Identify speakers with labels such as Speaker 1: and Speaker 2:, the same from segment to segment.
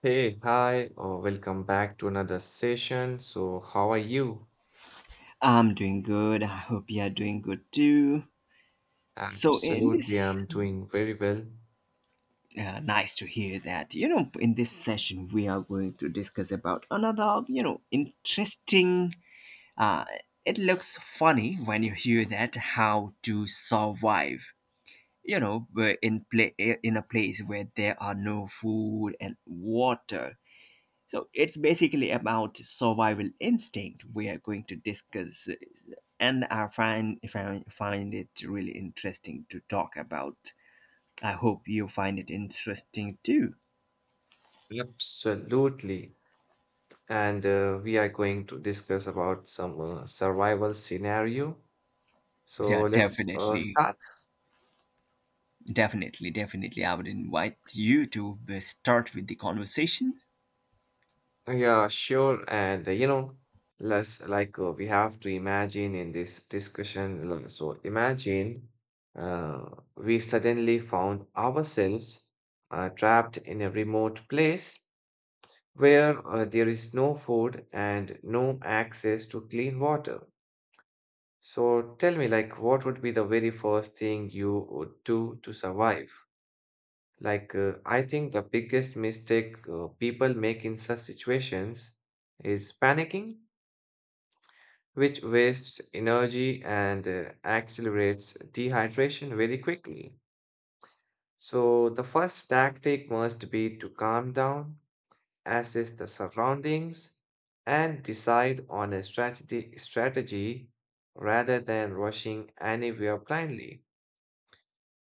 Speaker 1: Hey, hi, or welcome back to another session. So, how are you?
Speaker 2: I'm doing good. I hope you are doing good too. So, in
Speaker 1: Absolutely, I'm
Speaker 2: this,
Speaker 1: doing very well.
Speaker 2: nice to hear that. In this session, we are going to discuss about another interesting. Uh, it looks funny when you hear that how to survive. We're in a place where there are no food and water. So it's basically about survival instinct we are going to discuss, and I find it really interesting to talk about. I hope you find it interesting too.
Speaker 1: Absolutely. And we are going to discuss about some survival scenario. So,
Speaker 2: Yeah,
Speaker 1: let's uh,
Speaker 2: definitely,
Speaker 1: start.
Speaker 2: definitely, definitely. I would invite you to start with the conversation.
Speaker 1: Yeah, sure. And let's we have to imagine in this discussion. So, imagine uh, we suddenly found ourselves trapped in a remote place where there is no food and no access to clean water. So tell me, like, what would be the very first thing you would do to survive? Like, I think the biggest mistake people make in such situations is panicking, which wastes energy and accelerates dehydration very quickly. So the first tactic must be to calm down, assess the surroundings, and decide on a strategy rather than rushing anywhere blindly.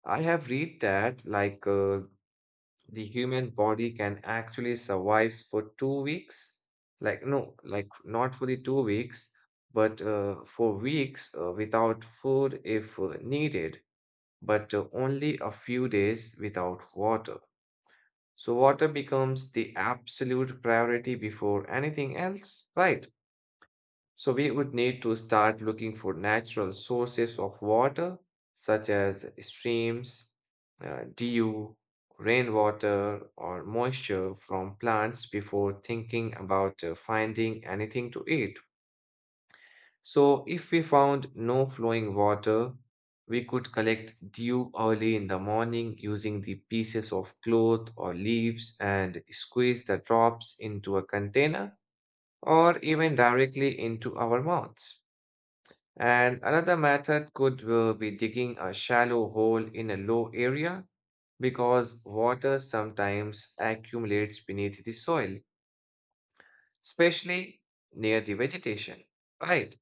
Speaker 1: I have read that the human body can actually survive for 2 weeks, like no, like not for the 2 weeks, but for weeks without food if needed, but only a few days without water. So water becomes the absolute priority before anything else, right? So we would need to start looking for natural sources of water, such as streams, dew, rainwater, or moisture from plants before thinking about finding anything to eat. So, if we found no flowing water, we could collect dew early in the morning using the pieces of cloth or leaves and squeeze the drops into a container or even directly into our mouths. And another method could be digging a shallow hole in a low area because water sometimes accumulates beneath the soil, especially near the vegetation. Right.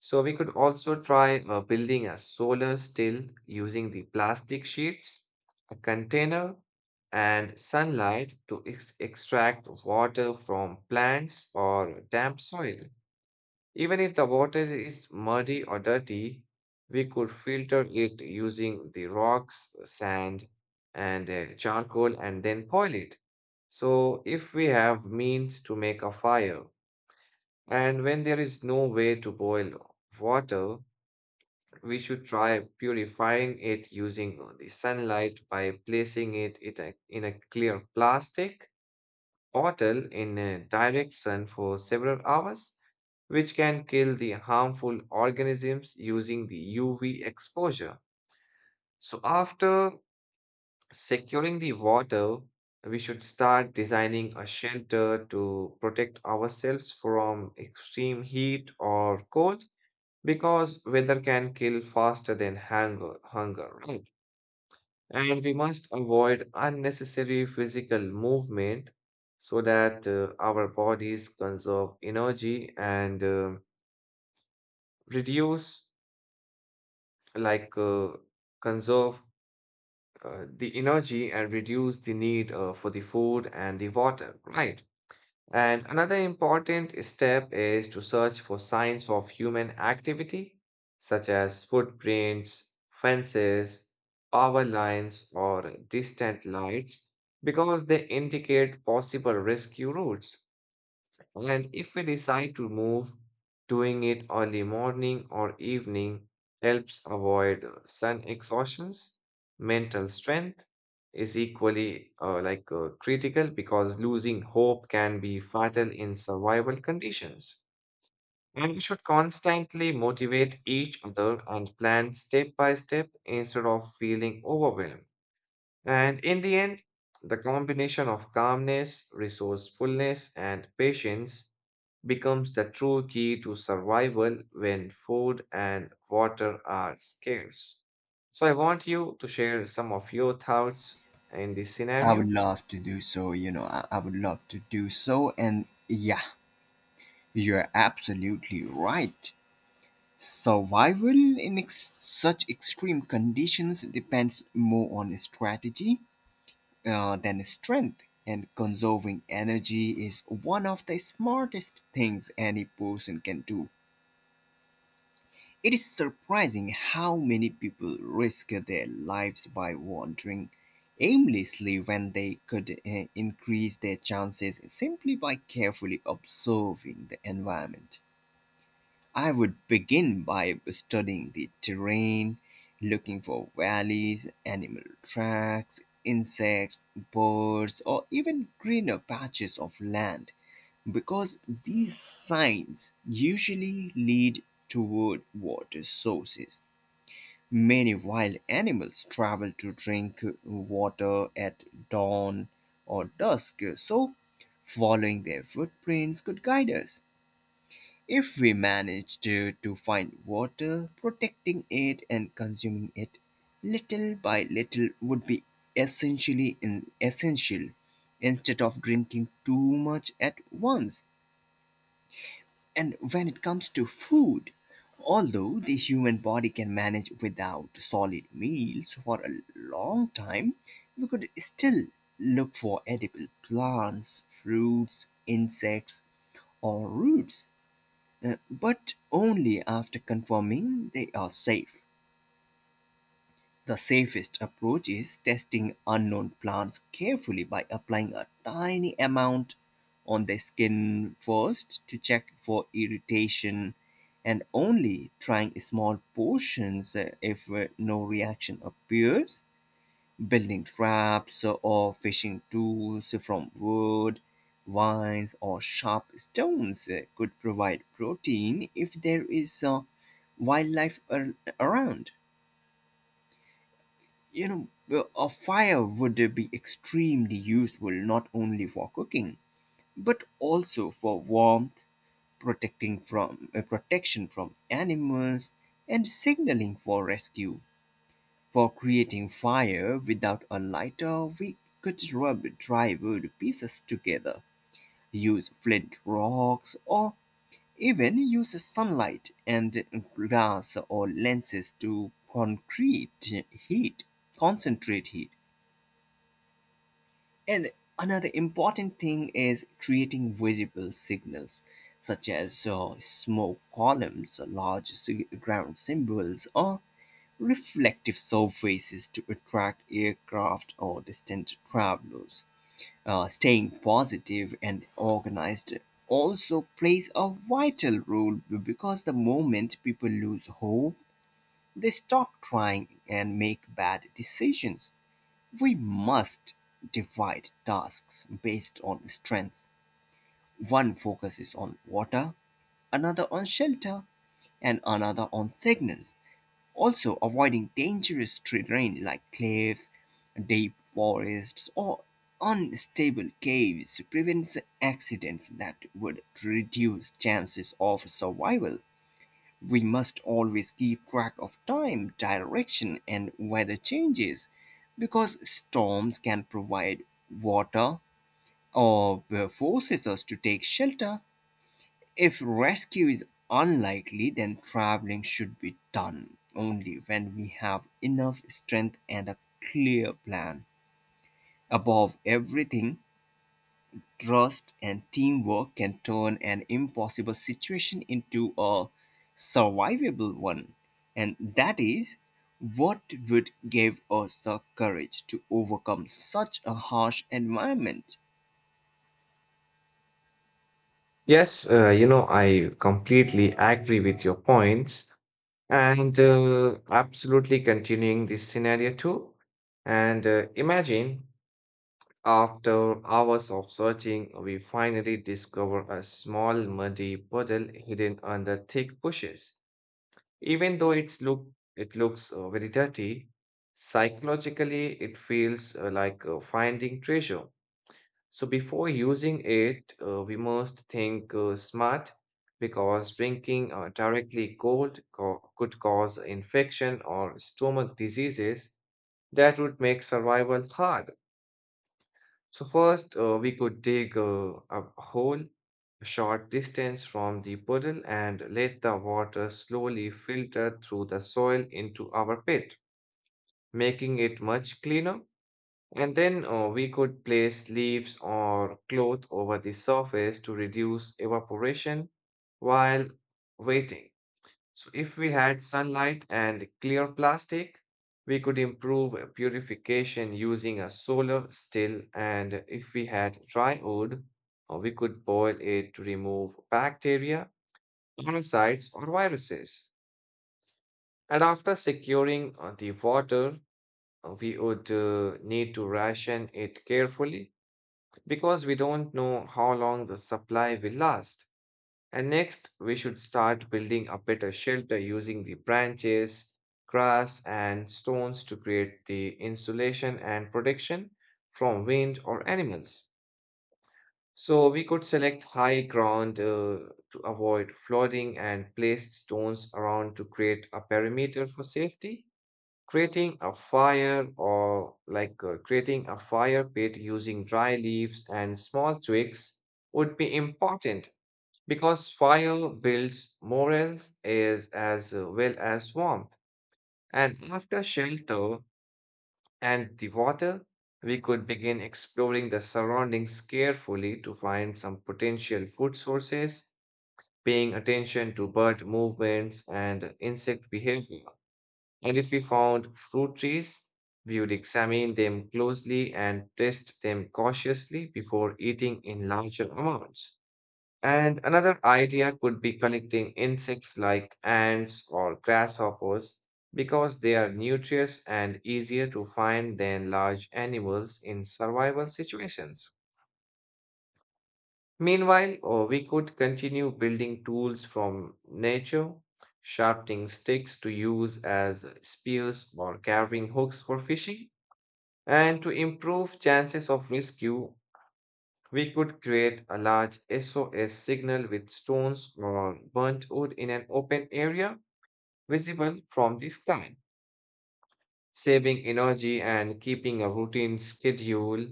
Speaker 1: So we could also try building a solar still using the plastic sheets, a container, and sunlight to extract water from plants or damp soil. Even if the water is muddy or dirty, we could filter it using the rocks, sand, and charcoal and then boil it. So if we have means to make a fire, and when there is no way to boil water, we should try purifying it using the sunlight by placing it in a clear plastic bottle in a direct sun for several hours, which can kill the harmful organisms using the UV exposure. So, after securing the water, we should start designing a shelter to protect ourselves from extreme heat or cold because weather can kill faster than hunger, right? And we must avoid unnecessary physical movement so that our bodies conserve energy and reduce, like, uh, conserve the energy and reduce the need for the food and the water, right? And another important step is to search for signs of human activity, such as footprints, fences, power lines, or distant lights, because they indicate possible rescue routes. And if we decide to move, doing it early morning or evening helps avoid sun exhaustions. Mental strength is equally critical because losing hope can be fatal in survival conditions. And we should constantly motivate each other and plan step by step instead of feeling overwhelmed. And in the end, the combination of calmness, resourcefulness, and patience becomes the true key to survival when food and water are scarce. So, I want you to share some of your thoughts in this
Speaker 2: I would
Speaker 1: scenario.
Speaker 2: love to do so. I would love to do so, and yeah, you're absolutely right. Survival in such extreme conditions depends more on strategy than strength, and conserving energy is one of the smartest things any person can do. It is surprising how many people risk their lives by wandering aimlessly when they could increase their chances simply by carefully observing the environment. I would begin by studying the terrain, looking for valleys, animal tracks, insects, birds, or even greener patches of land because these signs usually lead toward water sources. Many wild animals travel to drink water at dawn or dusk, so following their footprints could guide us. If we manage to find water, protecting it and consuming it little by little would be essential instead of drinking too much at once. And when it comes to food, although the human body can manage without solid meals for a long time, we could still look for edible plants, fruits, insects, or roots but only after confirming they are safe. The safest approach is testing unknown plants carefully by applying a tiny amount on the skin first to check for irritation and only trying small portions if no reaction appears building traps or fishing tools from wood, vines, or sharp stones could provide protein if there is wildlife around. You know, a fire would be extremely useful not only for cooking but also for warmth, protecting from protection from animals, and signaling for rescue. For creating fire without a lighter, we could rub dry wood pieces together, use flint rocks, or even use sunlight and glass or lenses to concentrate heat. And another important thing is creating visible signals such as smoke columns, ground symbols, or reflective surfaces to attract aircraft or distant travelers. Staying positive and organized also plays a vital role because the moment people lose hope, they stop trying and make bad decisions. We must divide tasks based on strength. One focuses on water, another on shelter, and another on signals. Also, avoiding dangerous terrain like cliffs, deep forests, or unstable caves prevents accidents that would reduce chances of survival. We must always keep track of time, direction, and weather changes because storms can provide water or forces us to take shelter if rescue is unlikely. Then traveling should be done only when we have enough strength and a clear plan. Above everything, trust and teamwork can turn an impossible situation into a survivable one. And that is what would give us the courage to overcome such a harsh environment.
Speaker 1: Yes, I completely agree with your points and absolutely continuing this scenario too. And imagine, after hours of searching, we finally discover a small muddy puddle hidden under thick bushes. Even though it looks very dirty. Psychologically it feels like finding treasure. So before using it, we must think smart because drinking directly could cause infection or stomach diseases that would make survival hard. So first, we could dig a hole a short distance from the puddle and let the water slowly filter through the soil into our pit, making it much cleaner. And then we could place leaves or cloth over the surface to reduce evaporation while waiting. So, if we had sunlight and clear plastic, we could improve purification using a solar still. And if we had dry wood, we could boil it to remove bacteria, parasites, or viruses. And after securing the water, we would need to ration it carefully because we don't know how long the supply will last. And next, we should start building a better shelter using the branches, grass, and stones to create the insulation and protection from wind or animals. So, we could select high ground to avoid flooding and place stones around to create a perimeter for safety. Creating a fire, or creating a fire pit using dry leaves and small twigs would be important because fire builds morals as well as warmth. And after shelter and the water, we could begin exploring the surroundings carefully to find some potential food sources, paying attention to bird movements and insect behavior. And if we found fruit trees, we would examine them closely and test them cautiously before eating in larger amounts. And another idea could be collecting insects like ants or grasshoppers because they are nutritious and easier to find than large animals in survival situations. Meanwhile, we could continue building tools from nature, sharpening sticks to use as spears or carving hooks for fishing, and to improve chances of rescue, we could create a large SOS signal with stones or burnt wood in an open area visible from the sky, saving energy and keeping a routine schedule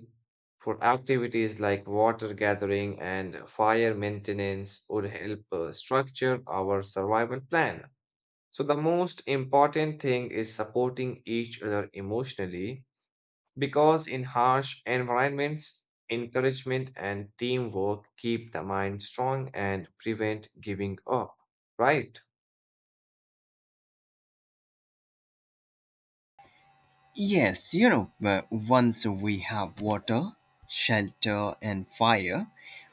Speaker 1: for activities like water gathering and fire maintenance would help structure our survival plan. So, the most important thing is supporting each other emotionally because in harsh environments, encouragement and teamwork keep the mind strong and prevent giving up, right?
Speaker 2: Yes. Once we have water, shelter, and fire,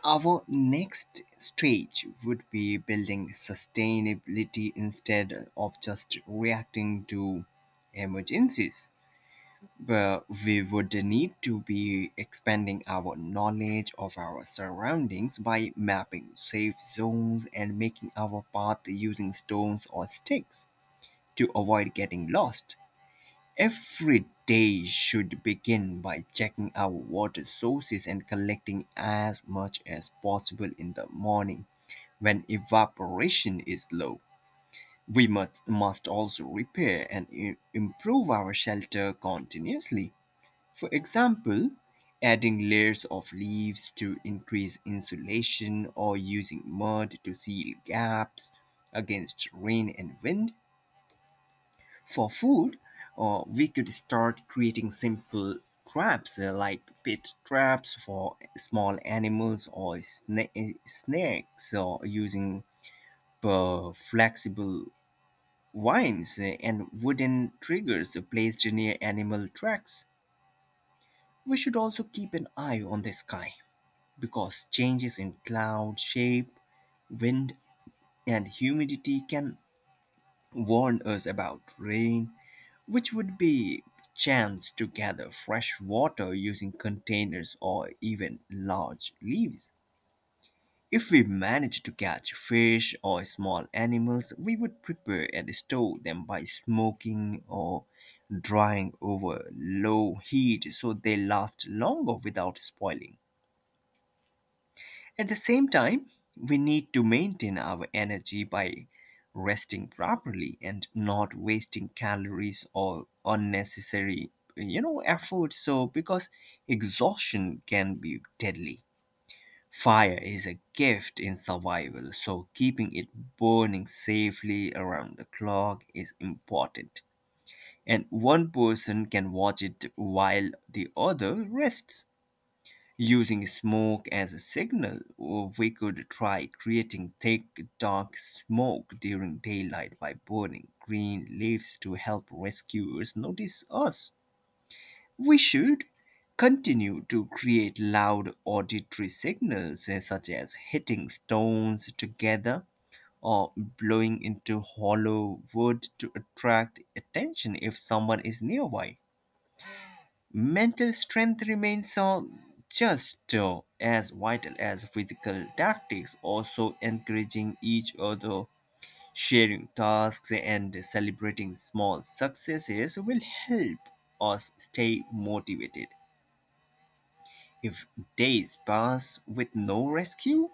Speaker 2: our next stage would be building sustainability instead of just reacting to emergencies. But we would need to be expanding our knowledge of our surroundings by mapping safe zones and making our path using stones or sticks to avoid getting lost. Every day should begin by checking our water sources and collecting as much as possible in the morning when evaporation is low. We must also repair and improve our shelter continuously. For example, adding layers of leaves to increase insulation or using mud to seal gaps against rain and wind for food, or we could start creating simple traps like pit traps for small animals or snakes or using flexible vines and wooden triggers placed near animal tracks. We should also keep an eye on the sky because changes in cloud shape, wind, and humidity can warn us about rain, which would be chance to gather fresh water using containers or even large leaves. If we managed to catch fish or small animals, we would prepare and store them by smoking or drying over low heat so they last longer without spoiling. At the same time, we need to maintain our energy by resting properly and not wasting calories or unnecessary effort, so because exhaustion can be deadly. Fire is a gift in survival, so keeping it burning safely around the clock is important, and one person can watch it while the other rests. Using smoke as a signal, or we could try creating thick, dark smoke during daylight by burning green leaves to help rescuers notice us. We should continue to create loud auditory signals, such as hitting stones together or blowing into hollow wood to attract attention if someone is nearby. Mental strength remains just as vital as physical tactics. Also, encouraging each other, sharing tasks, and celebrating small successes will help us stay motivated. If days pass with no rescue,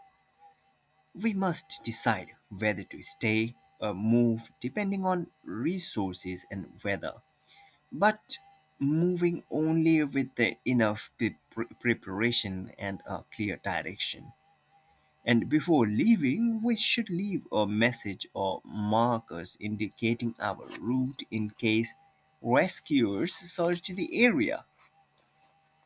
Speaker 2: we must decide whether to stay or move depending on resources and weather, but moving only with the enough preparation and a clear direction. And before leaving, we should leave a message or markers indicating our route in case rescuers search the area.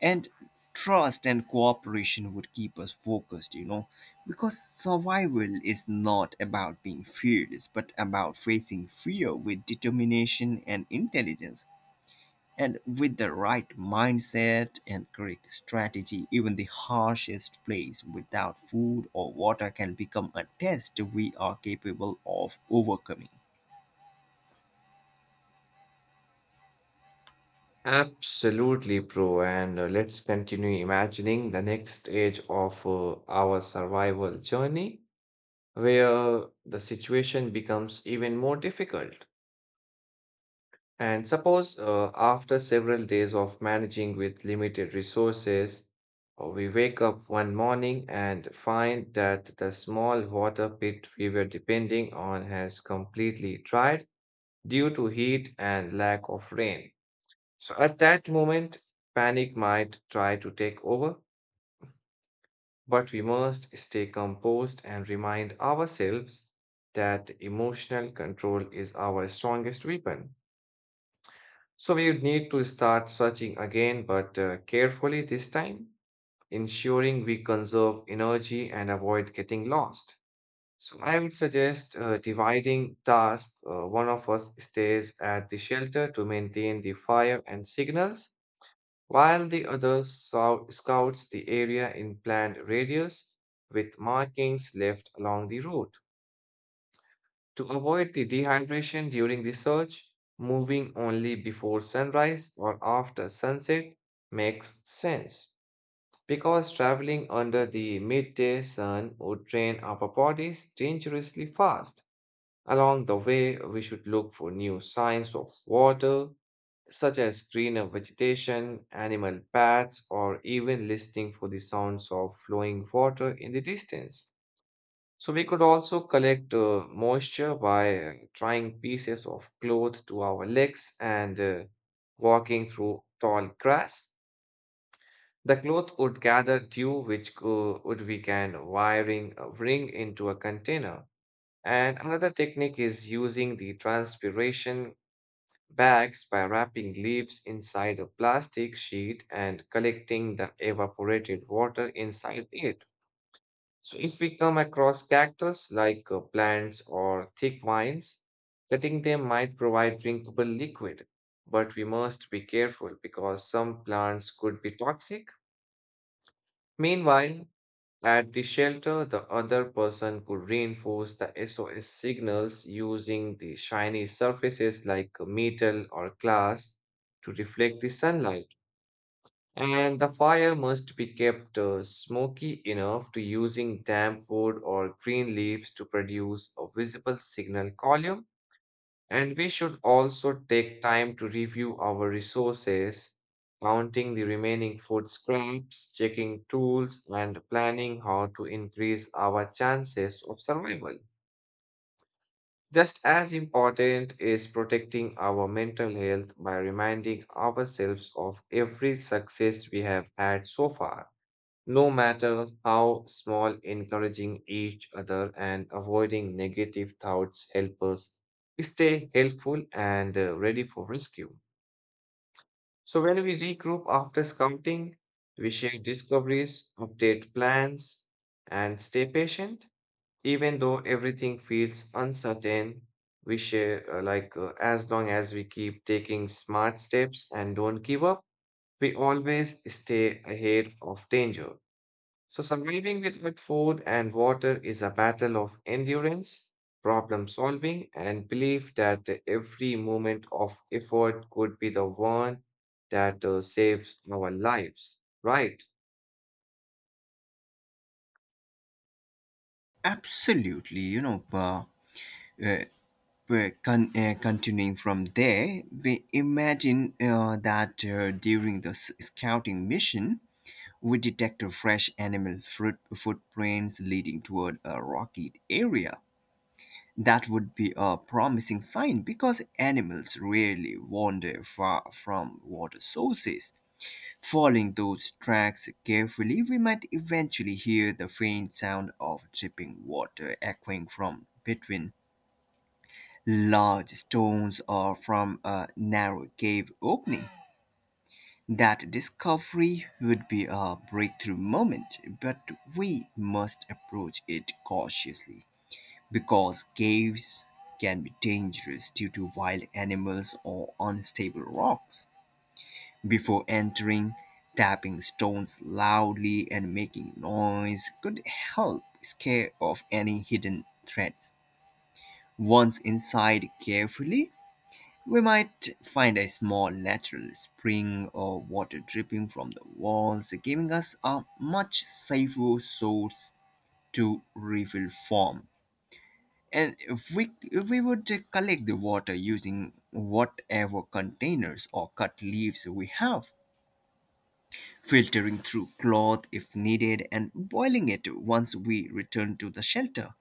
Speaker 2: And trust and cooperation would keep us focused, you know, because survival is not about being fearless, but about facing fear with determination and intelligence. And with the right mindset and correct strategy, even the harshest place without food or water can become a test we are capable of overcoming.
Speaker 1: Absolutely, bro. And let's continue imagining the next stage of our survival journey where the situation becomes even more difficult. And suppose after several days of managing with limited resources, we wake up one morning and find that the small water pit we were depending on has completely dried due to heat and lack of rain. So at that moment, panic might try to take over, but we must stay composed and remind ourselves that emotional control is our strongest weapon. So we would need to start searching again, but carefully this time, ensuring we conserve energy and avoid getting lost. So I would suggest dividing tasks. One of us stays at the shelter to maintain the fire and signals, while the other scouts the area in planned radius with markings left along the route. To avoid the dehydration during the search, moving only before sunrise or after sunset makes sense because traveling under the midday sun would drain our bodies dangerously fast. Along the way, we should look for new signs of water, such as greener vegetation, animal paths, or even listening for the sounds of flowing water in the distance. So we could also collect moisture by tying pieces of cloth to our legs and walking through tall grass. The cloth would gather dew, which co- would we can wiring wring into a container. And another technique is using the transpiration bags by wrapping leaves inside a plastic sheet and collecting the evaporated water inside it. So if we come across cactus like plants or thick vines, cutting them might provide drinkable liquid, but we must be careful because some plants could be toxic. Meanwhile, at the shelter, the other person could reinforce the SOS signals using the shiny surfaces like metal or glass to reflect the sunlight. And the fire must be kept smoky enough to using damp wood or green leaves to produce a visible signal column. And we should also take time to review our resources, counting the remaining food scraps, checking tools, and planning how to increase our chances of survival. Just as important is protecting our mental health by reminding ourselves of every success we have had so far, no matter how small. Encouraging each other and avoiding negative thoughts help us stay helpful and ready for rescue. So, when we regroup after scouting, we share discoveries, update plans, and stay patient. Even though everything feels uncertain, we share like as long as we keep taking smart steps and don't give up, we always stay ahead of danger. So, surviving without food and water is a battle of endurance, problem solving, and belief that every moment of effort could be the one that saves our lives. Right?
Speaker 2: Absolutely, you know, uh, con- continuing from there, we imagine that during the scouting mission, we detect fresh animal fruit footprints leading toward a rocky area. That would be a promising sign because animals rarely wander far from water sources. Following those tracks carefully, we might eventually hear the faint sound of dripping water echoing from between large stones or from a narrow cave opening. That discovery would be a breakthrough moment, but we must approach it cautiously because caves can be dangerous due to wild animals or unstable rocks. Before entering, tapping stones loudly and making noise could help scare off any hidden threats. Once inside carefully, we might find a small natural spring or water dripping from the walls, giving us a much safer source to refill from. And if we would collect the water using whatever containers or cut leaves we have, filtering through cloth if needed, and boiling it once we return to the shelter.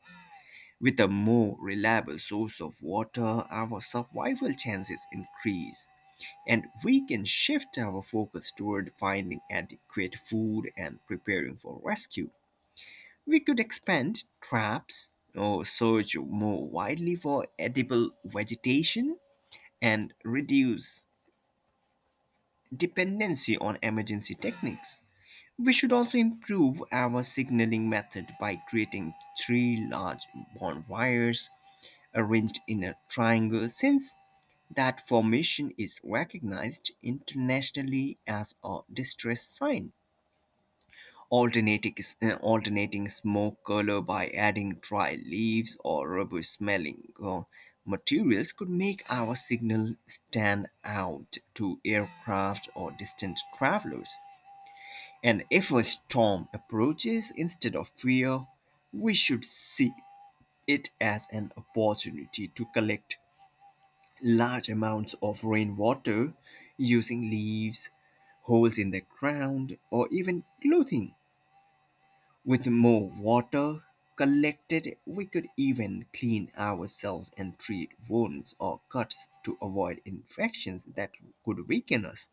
Speaker 2: With a more reliable source of water, our survival chances increase, and we can shift our focus toward finding adequate food and preparing for rescue. We could expand traps or search more widely for edible vegetation and reduce dependency on emergency techniques. We should also improve our signaling method by creating three large bonfires arranged in a triangle, since that formation is recognized internationally as a distress sign. alternating, Alternating smoke color by adding dry leaves or rubber smelling materials could make our signal stand out to aircraft or distant travelers. And if a storm approaches, instead of fear, we should see it as an opportunity to collect large amounts of rainwater using leaves, holes in the ground, or even clothing. With more water collected, we could even clean ourselves and treat wounds or cuts to avoid infections that could weaken us.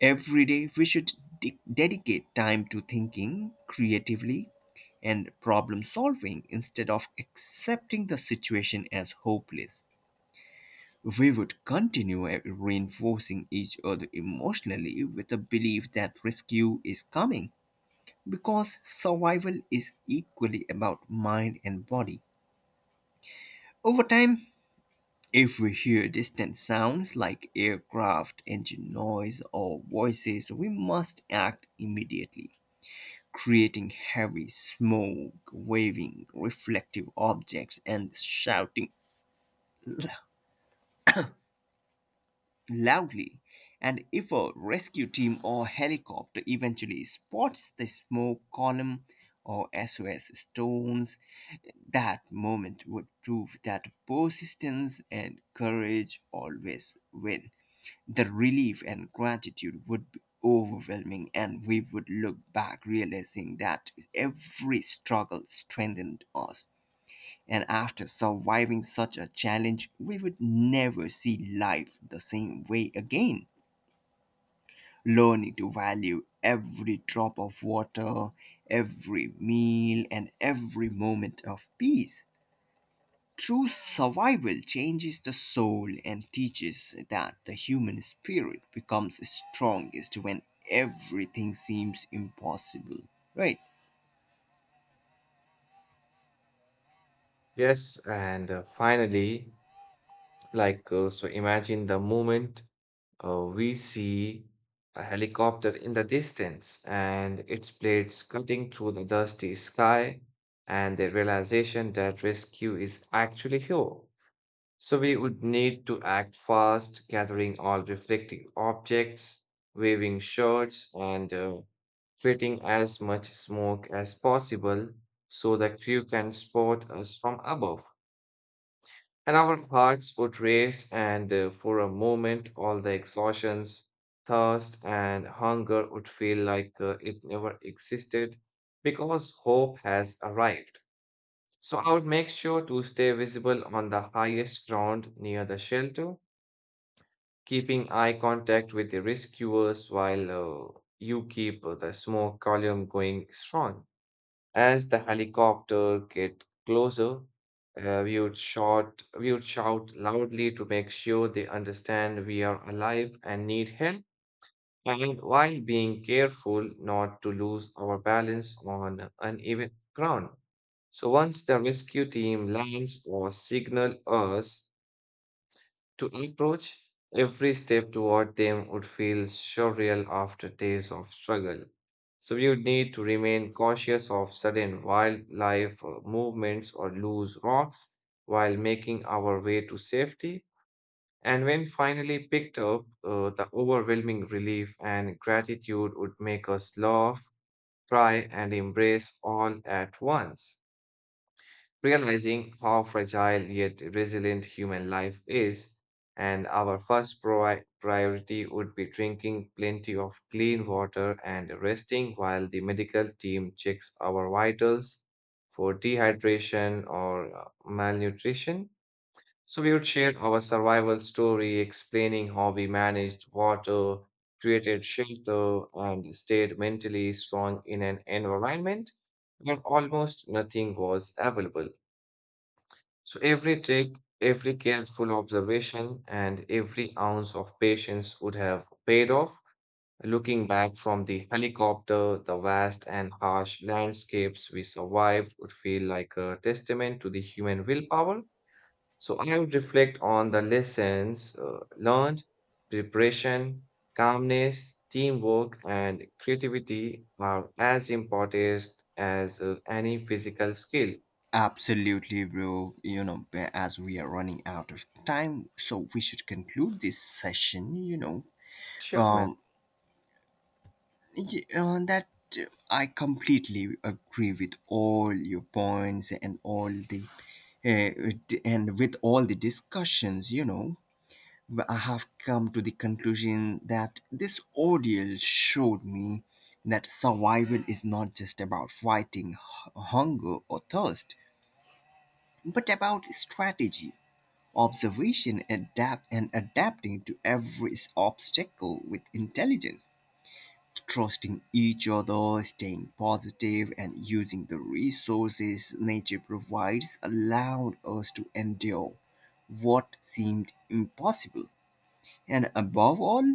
Speaker 2: Every day, we should dedicate time to thinking creatively and problem solving instead of accepting the situation as hopeless. We would continue reinforcing each other emotionally with the belief that rescue is coming because survival is equally about mind and body. Over time, if we hear distant sounds like aircraft, engine noise, or voices, we must act immediately, creating heavy smoke, waving reflective objects, and shouting l- loudly. And if a rescue team or helicopter eventually spots the smoke column or SOS stones, that moment would prove that persistence and courage always win. The relief and gratitude would be overwhelming, and we would look back realizing that every struggle strengthened us. And after surviving such a challenge, we would never see life the same way again, learning to value every drop of water, every meal, and every moment of peace. True survival changes the soul and teaches that the human spirit becomes strongest when everything seems impossible, right?
Speaker 1: Yes. And finally, so imagine the moment we see a helicopter in the distance and its blades cutting through the dusty sky, and the realization that rescue is actually here. So we would need to act fast, gathering all reflecting objects, waving shirts, and creating as much smoke as possible so the crew can spot us from above. And our hearts would race, and for a moment, all the exhaustions, thirst, and hunger would feel like it never existed because hope has arrived. So I would make sure to stay visible on the highest ground near the shelter, keeping eye contact with the rescuers while you keep the smoke column going strong. As the helicopter get closer, we would shout loudly to make sure they understand we are alive and need help, and while being careful not to lose our balance on uneven ground. So once the rescue team lands or signal us to approach, every step toward them would feel surreal after days of struggle. So we would need to remain cautious of sudden wildlife movements or loose rocks while making our way to safety. And when finally picked up, the overwhelming relief and gratitude would make us laugh, cry, and embrace all at once, realizing how fragile yet resilient human life is, and our first priority would be drinking plenty of clean water and resting while the medical team checks our vitals for dehydration or malnutrition. So, we would share our survival story, explaining how we managed water, created shelter, and stayed mentally strong in an environment where almost nothing was available. So every trick, every careful observation, and every ounce of patience would have paid off. Looking back from the helicopter, the vast and harsh landscapes we survived would feel like a testament to the human willpower. So I would reflect on the lessons learned, preparation, calmness, teamwork, and creativity are as important as any physical skill.
Speaker 2: Absolutely, bro. You know, as we are running out of time, so we should conclude this session, you know.
Speaker 1: Sure, man.
Speaker 2: Um, y- that I completely agree with all your points and with all the discussions, you know. I have come to the conclusion that this ordeal showed me that survival is not just about fighting hunger or thirst, but about strategy, observation, adapting to every obstacle with intelligence. Trusting each other, staying positive, and using the resources nature provides allowed us to endure what seemed impossible. And above all,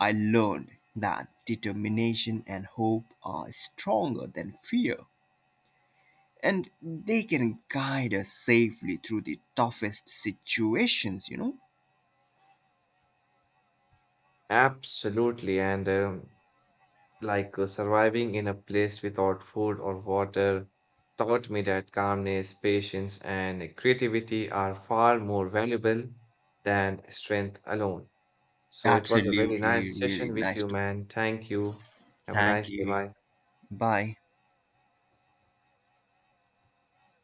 Speaker 2: I learned that determination and hope are stronger than fear, and they can guide us safely through the toughest situations, you know?
Speaker 1: Absolutely. And surviving in a place without food or water taught me that calmness, patience, and creativity are far more valuable than strength alone. So it was a really
Speaker 2: Absolutely,
Speaker 1: nice
Speaker 2: really
Speaker 1: session with
Speaker 2: nice.
Speaker 1: you,
Speaker 2: To-
Speaker 1: man. Thank you. Have a
Speaker 2: Thank
Speaker 1: nice day.
Speaker 2: you.
Speaker 1: Bye.
Speaker 2: Bye.